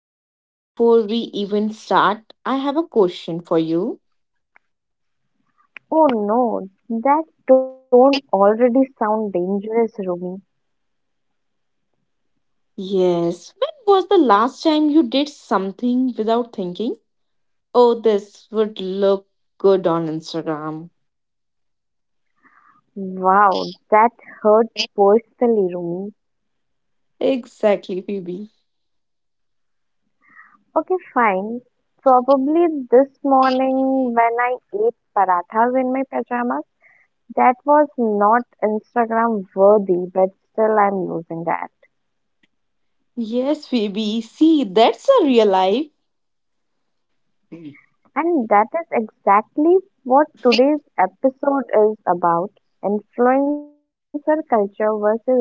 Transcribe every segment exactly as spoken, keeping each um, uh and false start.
Phoebe, before we even start, I have a question for you. Oh no, that tone already sound dangerous, Rumi. Yes, when was the last time you did something without thinking? Oh, this would look good on Instagram. Wow, that hurt personally, Rumi. Exactly, Phoebe. Okay, fine. Probably this morning when I ate parathas in my pajamas, that was not Instagram worthy, but still I'm using that. Yes, Phoebe. See, that's a real life. And that is exactly what today's episode is about, influencer culture versus real life.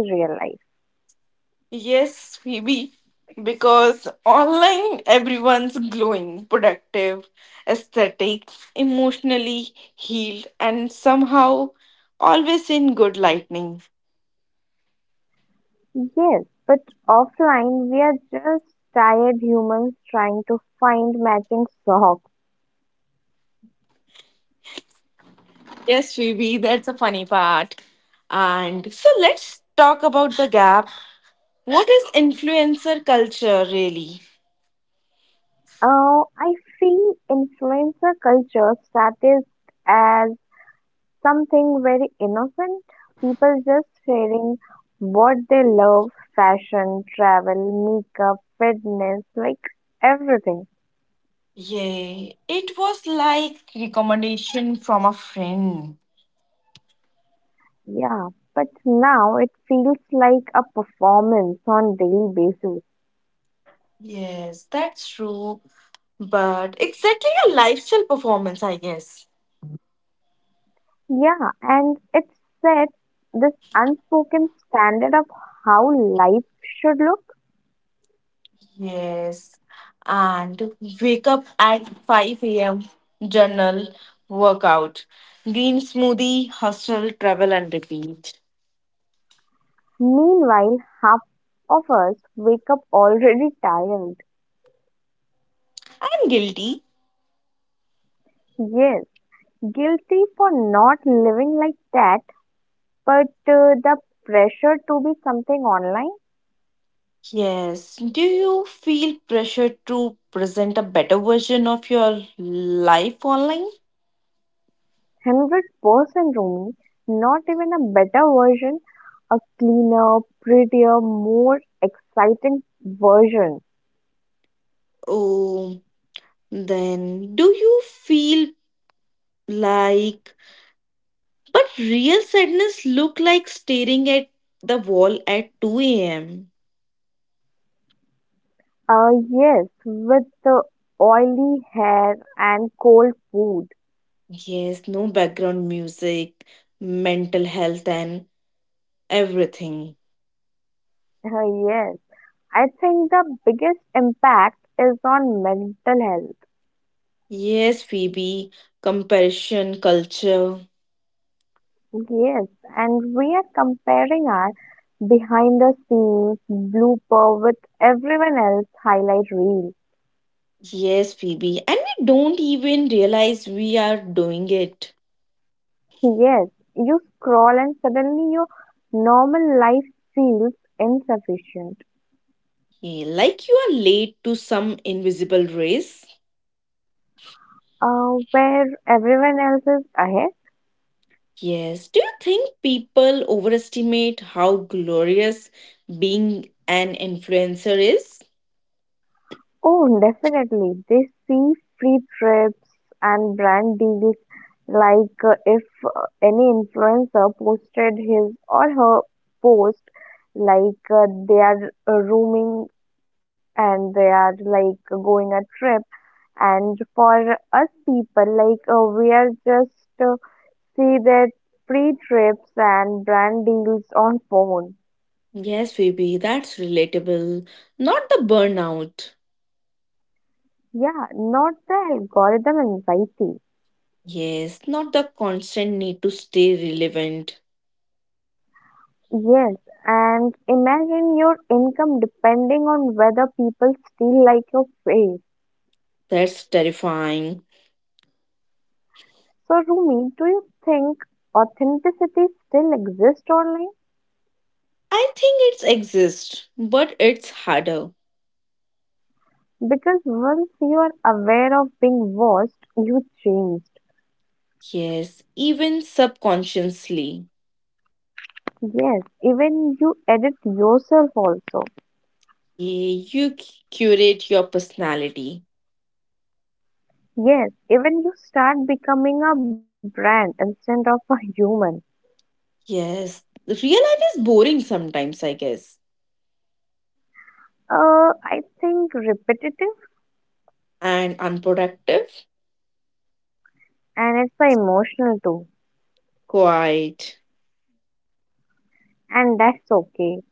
Yes, Phoebe, because online everyone's glowing, productive, aesthetic, emotionally healed, and somehow always in good lightning. Yes, but offline we are just tired humans trying to find matching socks. Yes, Phoebe, that's a funny part. And so let's talk about the gap. What is influencer culture really? Uh, I feel influencer culture started as something very innocent. People just sharing what they love, fashion, travel, makeup, fitness, like everything. Yay, it was like recommendation from a friend. Yeah, but now it feels like a performance on daily basis. Yes, that's true, but exactly a lifestyle performance, I guess. Yeah, and it sets this unspoken standard of how life should look. Yes. And wake up at five a m, journal, workout, green smoothie, hustle, travel, and repeat. Meanwhile, half of us wake up already tired. I'm guilty. Yes, guilty for not living like that, but uh, the pressure to be something online, Yes. Do you feel pressure to present a better version of your life online? one hundred percent Rumi, not even a better version, a cleaner, prettier, more exciting version. Oh, then do you feel like, but real sadness look like staring at the wall at two a m. Uh, yes, with the oily hair and cold food. Yes, no background music, mental health and everything. Uh, yes, I think the biggest impact is on mental health. Yes, Phoebe, comparison culture. Yes, and we are comparing our behind the scenes blooper with everyone else highlight reel. Yes, Phoebe, and we don't even realize we are doing it. Yes, you scroll and suddenly your normal life feels insufficient. Yeah, like you are late to some invisible race. Uh, where everyone else is ahead. Yes, do you think people overestimate how glorious being an influencer is? Oh, definitely. They see free trips and brand deals, like uh, if uh, any influencer posted his or her post, like uh, they are uh, rooming and they are like going a trip. And for us people, like uh, we are just uh, see their free trips and brand deals on phone. Yes, Phoebe, that's relatable. Not the burnout. Yeah, not the algorithm anxiety. Yes, not the constant need to stay relevant. Yes, and imagine your income depending on whether people still like your face. That's terrifying. So, Rumi, do you think authenticity still exists online? I think it exists, but it's harder. Because once you are aware of being watched, you changed. Yes, even subconsciously. Yes, even you edit yourself also. Yeah, you c- curate your personality. Yes, even you start becoming a brand instead of a human. Yes, real life is boring sometimes, I guess, Uh, I think repetitive and unproductive. and it's uh, emotional too, Quite. and that's okay.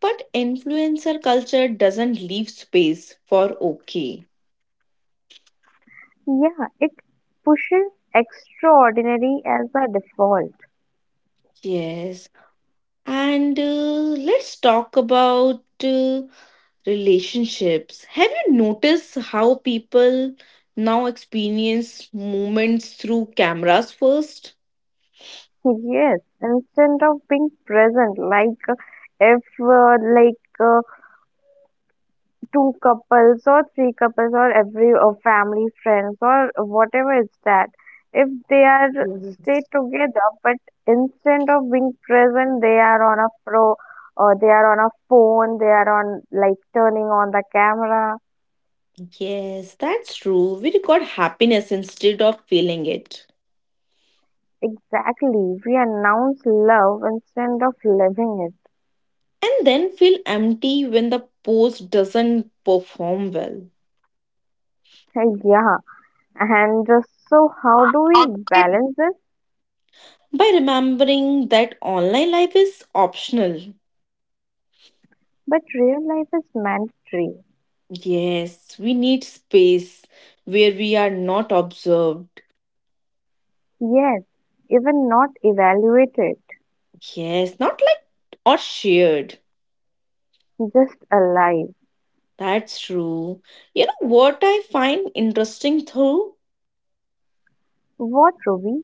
But influencer culture doesn't leave space for okay. Yeah, it pushes extraordinary as a default. Yes, and uh, let's talk about uh, relationships. Have you noticed how people now experience moments through cameras first? Yes, instead of being present, like uh, if uh, like uh, two couples or three couples or every uh, family friends or whatever is that, if they are stay together, but instead of being present, they are on a pro or they are on a phone, they are on like turning on the camera. Yes, that's true. We record happiness instead of feeling it, Exactly. We announce love instead of living it. and then feel empty when the post doesn't perform well. Yeah. And uh, so, how do we balance this? By remembering that online life is optional. But real life is mandatory. Yes, we need space where we are not observed. Yes. Even not evaluated, Yes, not liked or shared. just alive. That's true. You know what I find interesting though? What, Ruby?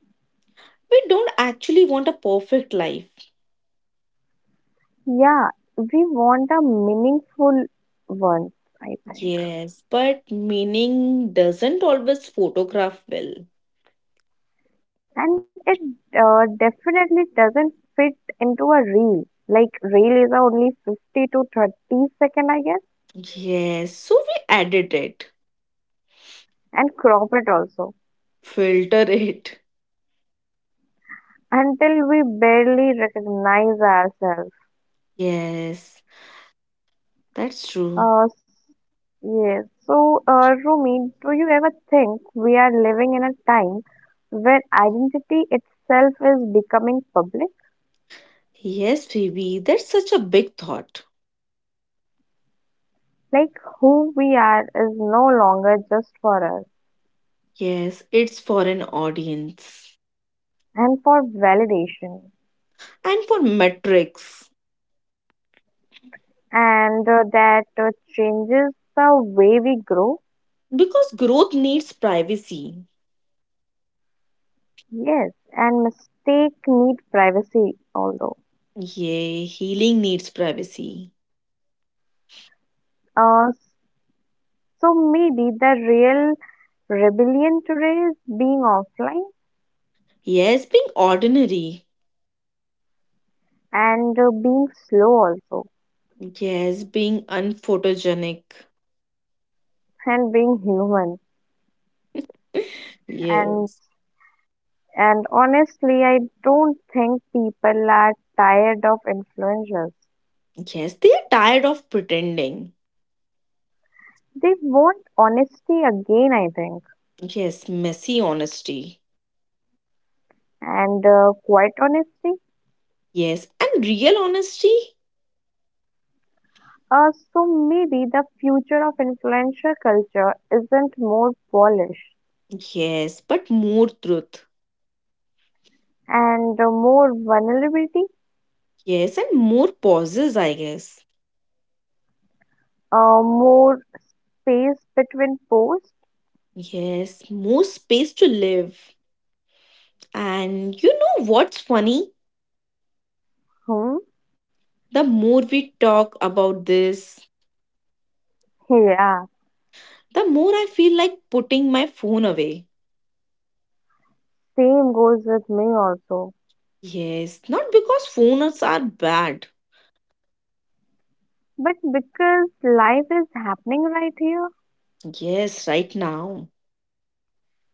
We don't actually want a perfect life. Yeah. We want a meaningful one, I think. Yes, but meaning doesn't always photograph well. And it uh, definitely doesn't fit into a reel. Like, reel is a only fifty to thirty second, I guess, Yes, so we edit it, and crop it also filter it. until we barely recognize ourselves. Yes, that's true. Uh, s- yes. So, uh, Rumi, do you ever think we are living in a time where identity itself is becoming public? Yes, Phoebe, that's such a big thought. Like who we are is no longer just for us Yes, it's for an audience. and for validation, And for metrics, and uh, that uh, changes the way we grow. because growth needs privacy. Yes, and mistake need privacy, although. Yay, healing needs privacy. Uh, So maybe the real rebellion today is being offline Yes, being ordinary. and uh, being slow also Yes, being unphotogenic. and being human. and Yes. and honestly I don't think people are tired of influencers. Yes, they are tired of pretending. They want honesty again, I think, Yes, messy honesty. and uh, quite honesty. Yes, and real honesty. Uh, so maybe the future of influencer culture isn't more polish Yes, but more truth. and uh, more vulnerability. Yes, and more pauses, I guess. Uh, more space between posts? Yes, more space to live. And you know what's funny? Hmm. The more we talk about this, Yeah, the more I feel like putting my phone away. same goes with me also. Yes, not because phones are bad. But because life is happening right here, Yes, right now.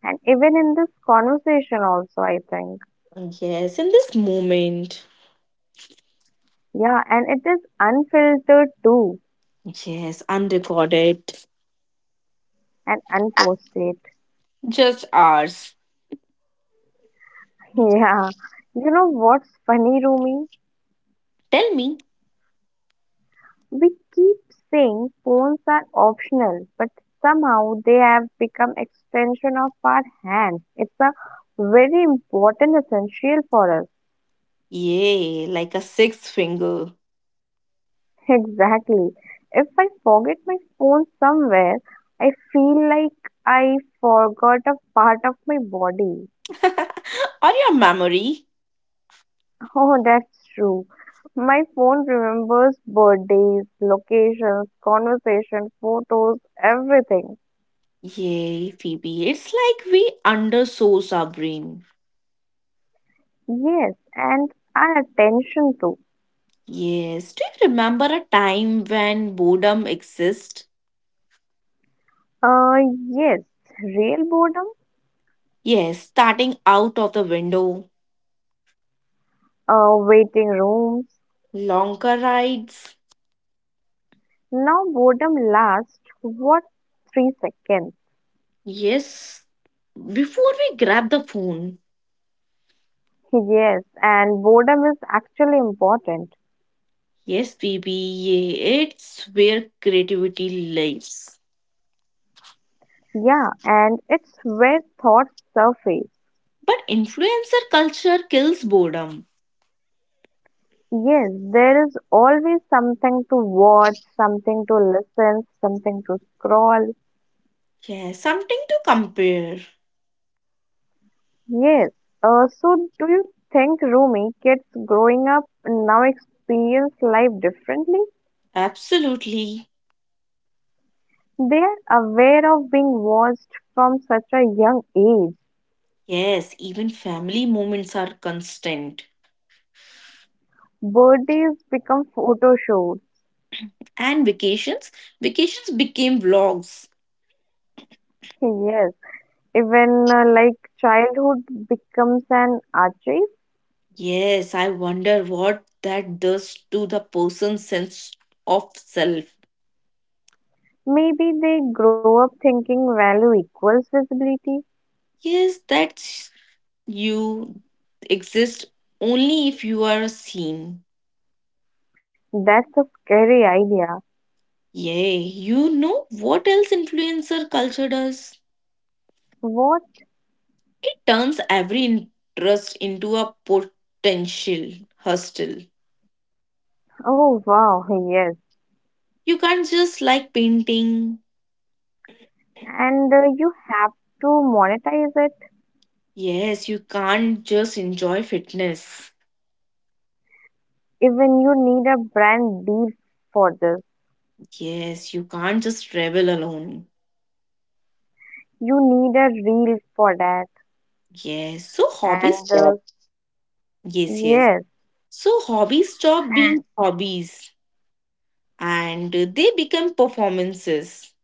and even in this conversation also, I think. Yes, in this moment. Yeah, and it is unfiltered too, Yes, unrecorded. and unposted. Just ours. Yeah. You know what's funny, Rumi? Tell me. We keep saying phones are optional, but somehow they have become extension of our hands. It's a very important essential for us. Yay, like a sixth finger. Exactly. If I forget my phone somewhere, I feel like I forgot a part of my body. Or your memory. Oh, that's true. My phone remembers birthdays, locations, conversation, photos, everything. Yay, Phoebe. It's like we undersource our brain. Yes, and our attention too. Yes. Do you remember a time when boredom exists? Uh, yes, real boredom, Yes, starting out of the window, uh, waiting rooms. longer rides. Now boredom lasts what, three seconds. Yes, before we grab the phone. Yes, and boredom is actually important. Yes, Phoebe, yeah, it's where creativity lives. Yeah, and it's where thoughts surface. But influencer culture kills boredom. Yes, there is always something to watch, something to listen, something to scroll. Yes, something to compare. Yes. Uh, so do you think, Rumi, kids growing up now experience life differently? Absolutely. They are aware of being watched from such a young age. Yes, even family moments are constant. Birthdays become photo shoots. And vacations, vacations became vlogs. Yes, even uh, like childhood becomes an archive. Yes, I wonder what that does to the person's sense of self. Maybe they grow up thinking value equals visibility. Yes, that's you exist only if you are seen. That's a scary idea. Yay, you know what else influencer culture does? What? It turns every interest into a potential hustle. Oh wow, yes. You can't just like painting. And uh, You have to monetize it. Yes, you can't just enjoy fitness. Even you need a brand deal for this. Yes, you can't just travel alone. You need a reel for that. Yes, so hobbies. And uh, Yes, yes. Yes. So hobbies stop being hobbies and they become performances,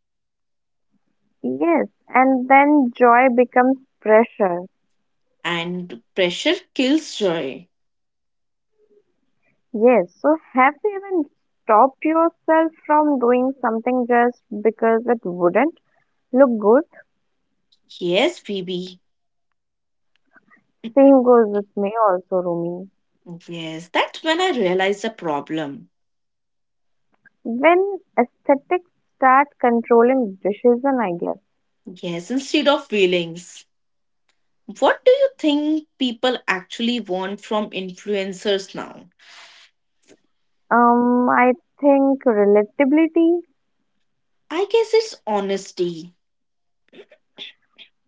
Yes, and then joy becomes pressure. and pressure kills joy. Yes, so have you even stopped yourself from doing something just because it wouldn't look good? Yes, Phoebe. Same goes with me also, Rumi. Yes, that's when I realized the problem. When aesthetics start controlling decision, I guess. Yes, instead of feelings. What do you think people actually want from influencers now? Um, I think relatability I guess it's honesty.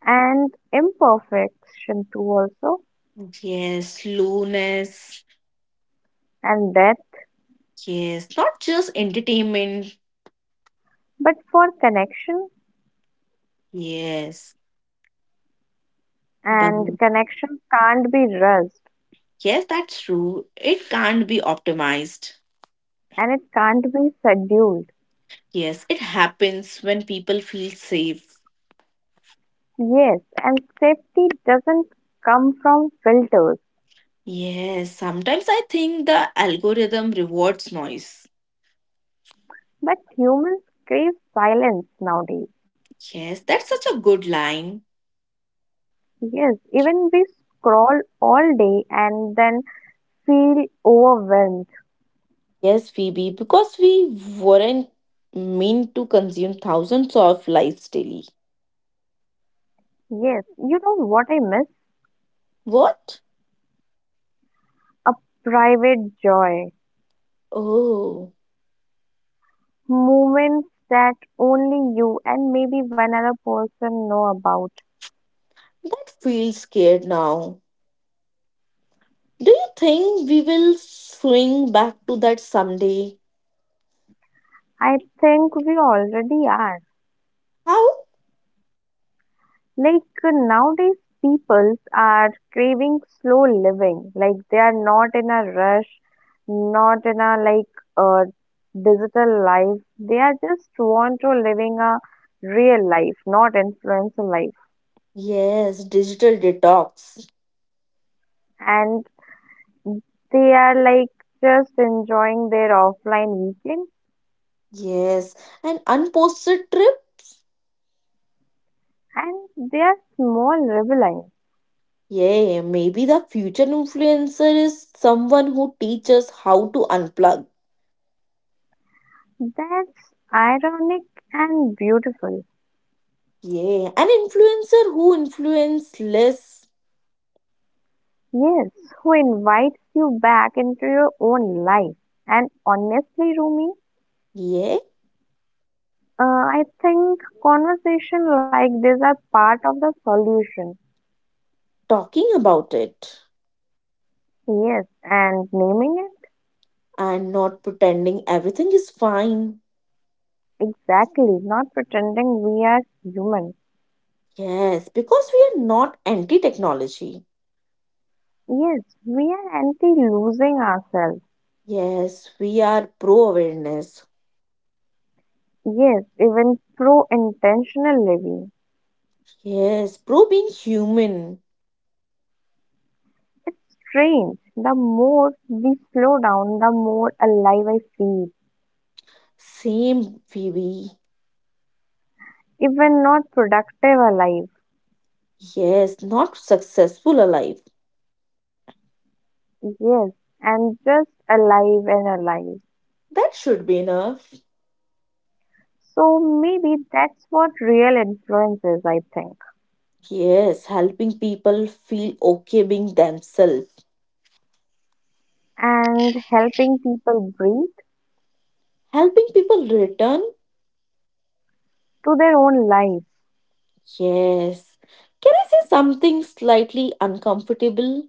and imperfection too also, Yes, slowness. and death, Yes, not just entertainment. but for connection, Yes, but and connection can't be rushed yes, that's true. It can't be optimized. and it can't be scheduled. Yes, it happens when people feel safe. Yes, and safety doesn't come from filters, Yes, sometimes I think the algorithm rewards noise. but humans crave silence nowadays. Yes, that's such a good line. Yes, even we scroll all day and then feel overwhelmed. Yes, Phoebe, because we weren't meant to consume thousands of lives daily. Yes, you know what I miss? What? A private joy. Oh, Moments that only you and maybe one other person know about. that feels scared now. Do you think we will swing back to that someday? I think we already are. How? Like uh, nowadays, people are craving slow living. Like they are not in a rush, not in a like uh, digital life. They are just want to living a real life, not influencer life. Yes, digital detox. And they are like just enjoying their offline weekends. Yes, an unposted trip? And they are small rebellions. Yeah, maybe the future influencer is someone who teaches how to unplug. That's ironic and beautiful. Yeah, an influencer who influence less. Yes, who invites you back into your own life. And honestly, Rumi, Yeah, uh, I think conversation like this are part of the solution. talking about it Yes, and naming it and not pretending everything is fine. exactly, not pretending we are human. Yes, because we are not anti technology. Yes, we are anti losing ourselves. Yes, we are pro awareness. Yes, even pro intentional living. Yes, pro being human. It's strange. The more we slow down, the more alive I feel. Same, Phoebe. Even not productive alive. Yes, not successful alive. Yes, and just alive and alive. That should be enough. So maybe that's what real influence is, I think. Yes, helping people feel okay being themselves. And helping people breathe Helping people return? to their own life. Yes. Can I say something slightly uncomfortable?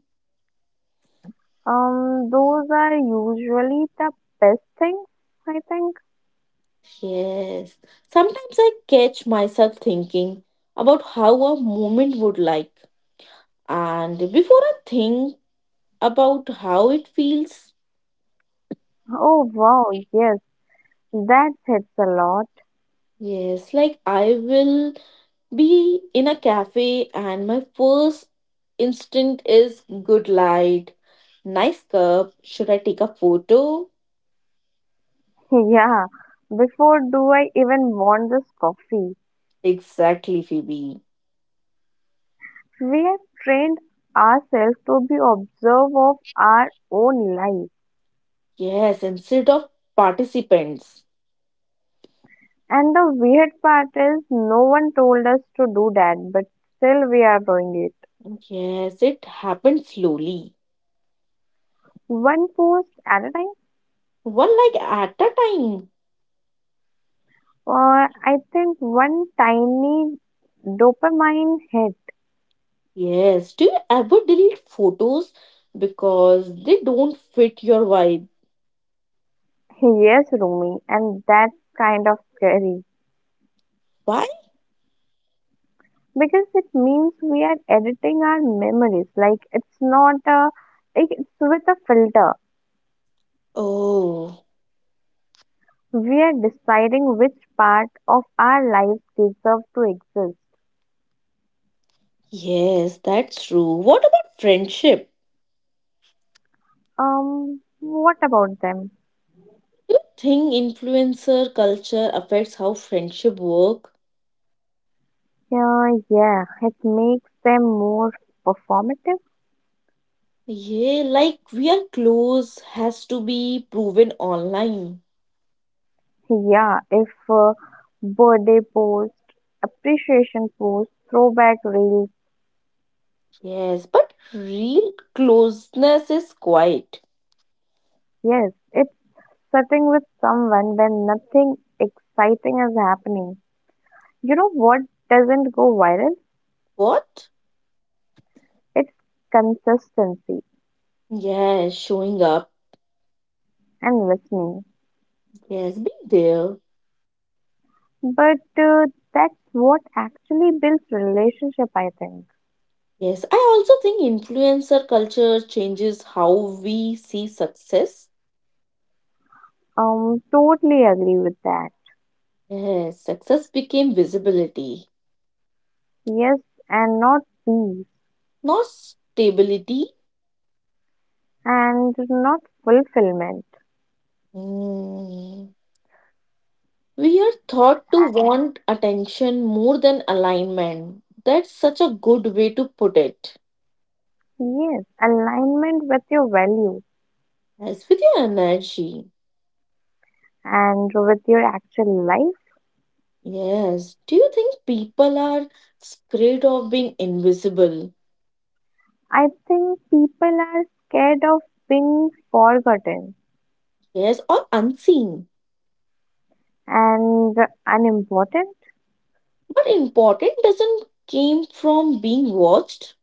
Um, those are usually the best things, I think. Yes. Sometimes I catch myself thinking about how a moment would like. And before I think about how it feels, Oh wow, yes, that hits a lot. yes, like I will be in a cafe and my first instinct is good light, nice cup, should I take a photo? Yeah, before do I even want this coffee? Exactly, Phoebe. We have trained ourselves to be observe of our own life. Yes, instead of participants. And the weird part is, no one told us to do that, but still we are doing it. Yes, it happened slowly, One post at a time. one like at a time. Uh, I think one tiny dopamine hit. Yes, do you ever delete photos because they don't fit your vibe? Yes, Rumi, and that's kind of scary Why? because it means we are editing our memories. Like it's not a, like it's with a filter. Oh, We are deciding which part of our lives deserve to exist. yes, that's true. What about friendship? Um, what about them? Think influencer culture affects how friendship work? Yeah, yeah, it makes them more performative. Yeah, like we are close has to be proven online. Yeah, if uh, Birthday post, appreciation post, throwback reels, Yes, but real closeness is quiet. yes, it's sitting with someone when nothing exciting is happening. You know what doesn't go viral? What? It's consistency Yes, showing up. and listening. Yes, be there. But uh, That's what actually builds relationship, I think. Yes, I also think influencer culture changes how we see success. Um, totally agree with that. Yes, success became visibility, Yes, and not be. not stability. And not fulfillment. Hmm. We are taught to want attention more than alignment. That's such a good way to put it. Yes, alignment with your value As with your energy, and with your actual life. yes. Do you think people are scared of being invisible? I think people are scared of being forgotten Yes, or unseen. and unimportant. But important doesn't came from being watched.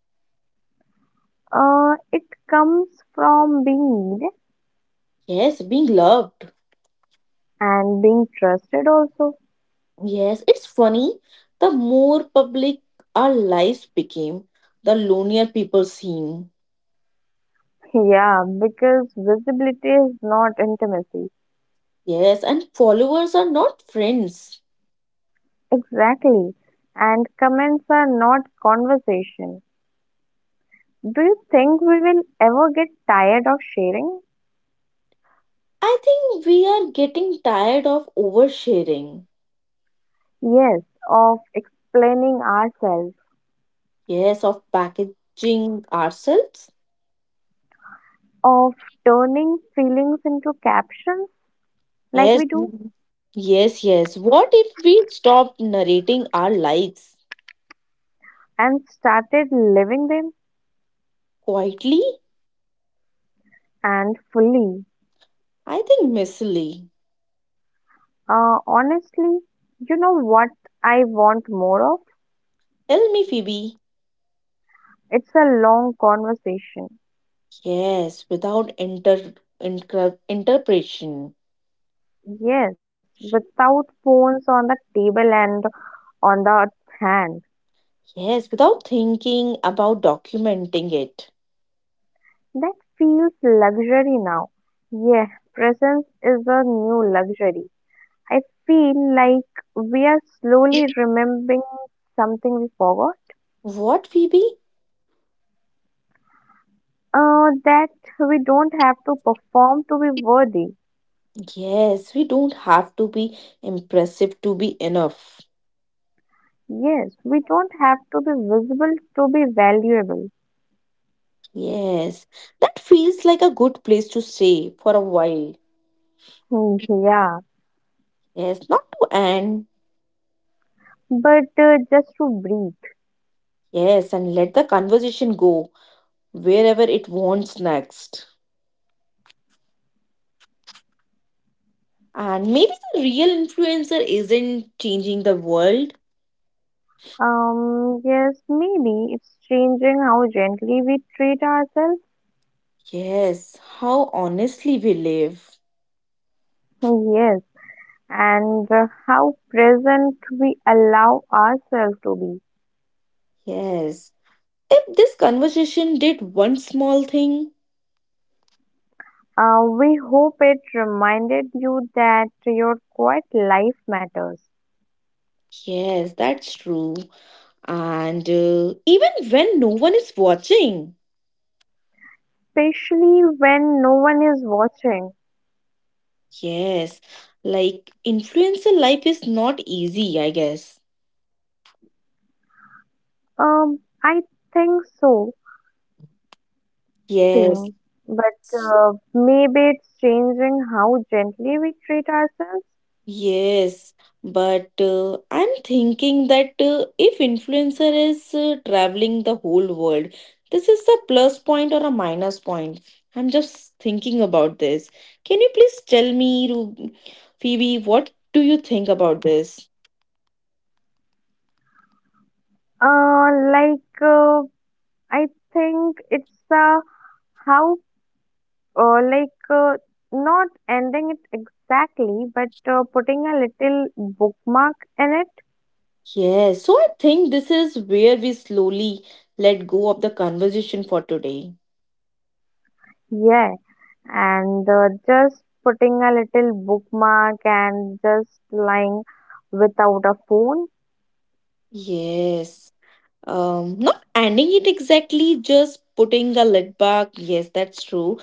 Uh, it comes from being needed Yes, being loved. and being trusted also. Yes, it's funny. The more public our lives became, the lonelier people seem. Yeah, because visibility is not intimacy. Yes, and followers are not friends. Exactly. And comments are not conversation. Do you think we will ever get tired of sharing? I think we are getting tired of oversharing. Yes, of explaining ourselves, Yes, of packaging ourselves. of turning feelings into captions like Yes. we do, Mhm. Yes, yes. What if we stopped narrating our lives and started living them quietly? and fully. I think messily. Uh, honestly, you know what I want more of? Tell me, Phoebe. It's a long conversation. Yes, without inter, inter interpretation. Yes, without phones on the table and on the hand. Yes, without thinking about documenting it. That feels luxury now. Yeah, presence is a new luxury. I feel like we are slowly remembering something we forgot. What, Phoebe? Uh, that we don't have to perform to be worthy. Yes, we don't have to be impressive to be enough. Yes, we don't have to be visible to be valuable. Yes, that feels like a good place to stay for a while. Hmm. Yeah, Yes, not to end. but uh, just to breathe. Yes, and let the conversation go wherever it wants next. And maybe the real influencer isn't changing the world. Um, yes, maybe it's changing how gently we treat ourselves. Yes, how honestly we live. Yes, and uh, how present we allow ourselves to be. Yes, if this conversation did one small thing. Uh, we hope it reminded you that your quiet life matters, Yes, that's true. And uh, even when no one is watching. especially when no one is watching. Yes, like influencer life is not easy, I guess. Um, I think so, Yes, same. But uh, maybe it's changing how gently we treat ourselves. yes, but uh, I'm thinking that uh, if influencer is uh, traveling the whole world, this is a plus point or a minus point. I'm just thinking about this. Can you please tell me, Ru- Phoebe, what do you think about this? Uh, like uh, I think it's uh, how uh, like uh, not ending it exactly, but uh, putting a little bookmark in it. Yes, so I think this is where we slowly let go of the conversation for today. Yeah, and uh, Just putting a little bookmark and just lying without a phone. Yes. Um, not ending it exactly, just putting the lid back. Yes, that's true.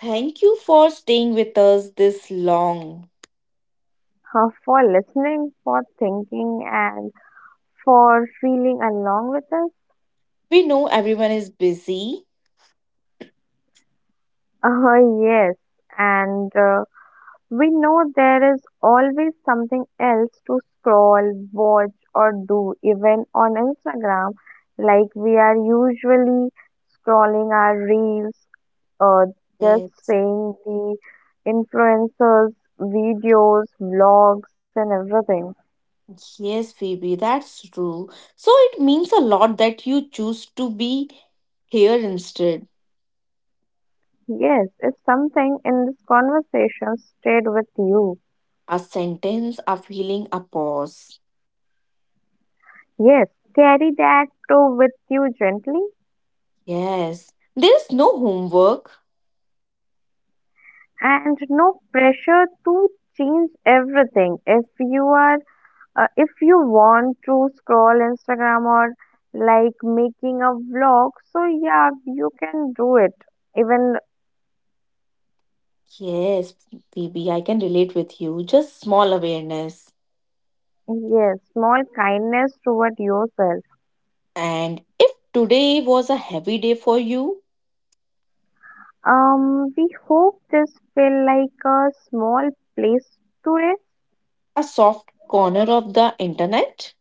Thank you for staying with us this long. Uh, for listening, for thinking, and for feeling along with us. We know everyone is busy. Uh, yes, and uh, We know there is always something else to scroll, watch, or do, even on Instagram. Like we are usually scrolling our reels, uh, just Yes, seeing the influencers, videos, vlogs, and everything. yes, Phoebe, that's true. So it means a lot that you choose to be here instead. Yes, if something in this conversation stayed with you, A sentence, a feeling, a pause. yes, carry that too with you gently. Yes, there is no homework. And no pressure to change everything if you are uh, if you want to scroll instagram or like making a vlog, so yeah you can do it even. Yes, Phoebe, I can relate with you. Just small awareness. Yes, small kindness toward yourself. And if today was a heavy day for you, Um we hope this feel like a small place to rest, a soft corner of the internet,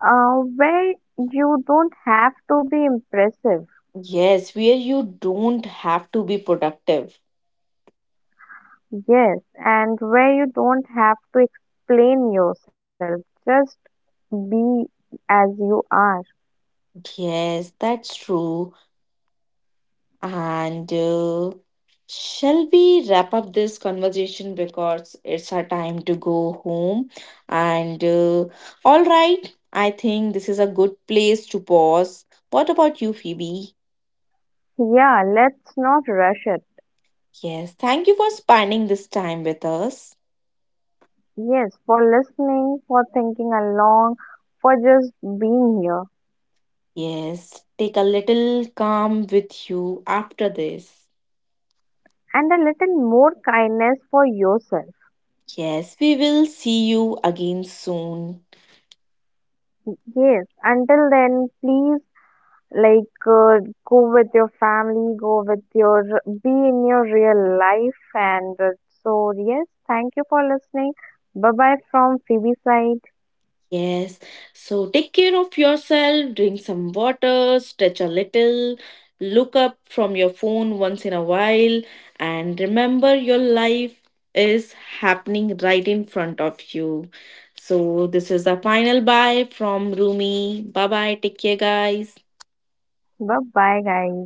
uh, where you don't have to be impressive. yes, where you don't have to be productive. Yes, and where you don't have to explain yourself, just be as you are. Yes, that's true. And uh, shall we wrap up this conversation because it's our time to go home? And uh, all right, I think this is a good place to pause. What about you, Phoebe? Yeah, let's not rush it. Yes, thank you for spending this time with us. Yes, for listening, for thinking along, for just being here, Yes, take a little calm with you after this. and a little more kindness for yourself. Yes, we will see you again soon. Yes, until then, please like uh, go with your family, go with your be in your real life, and uh, so yes, thank you for listening. Bye bye from Phoebe side. Yes, so take care of yourself, drink some water, stretch a little, look up from your phone once in a while, and remember your life is happening right in front of you. So, this is the final bye from Rumi. Bye bye, take care, guys. Bye bye, guys.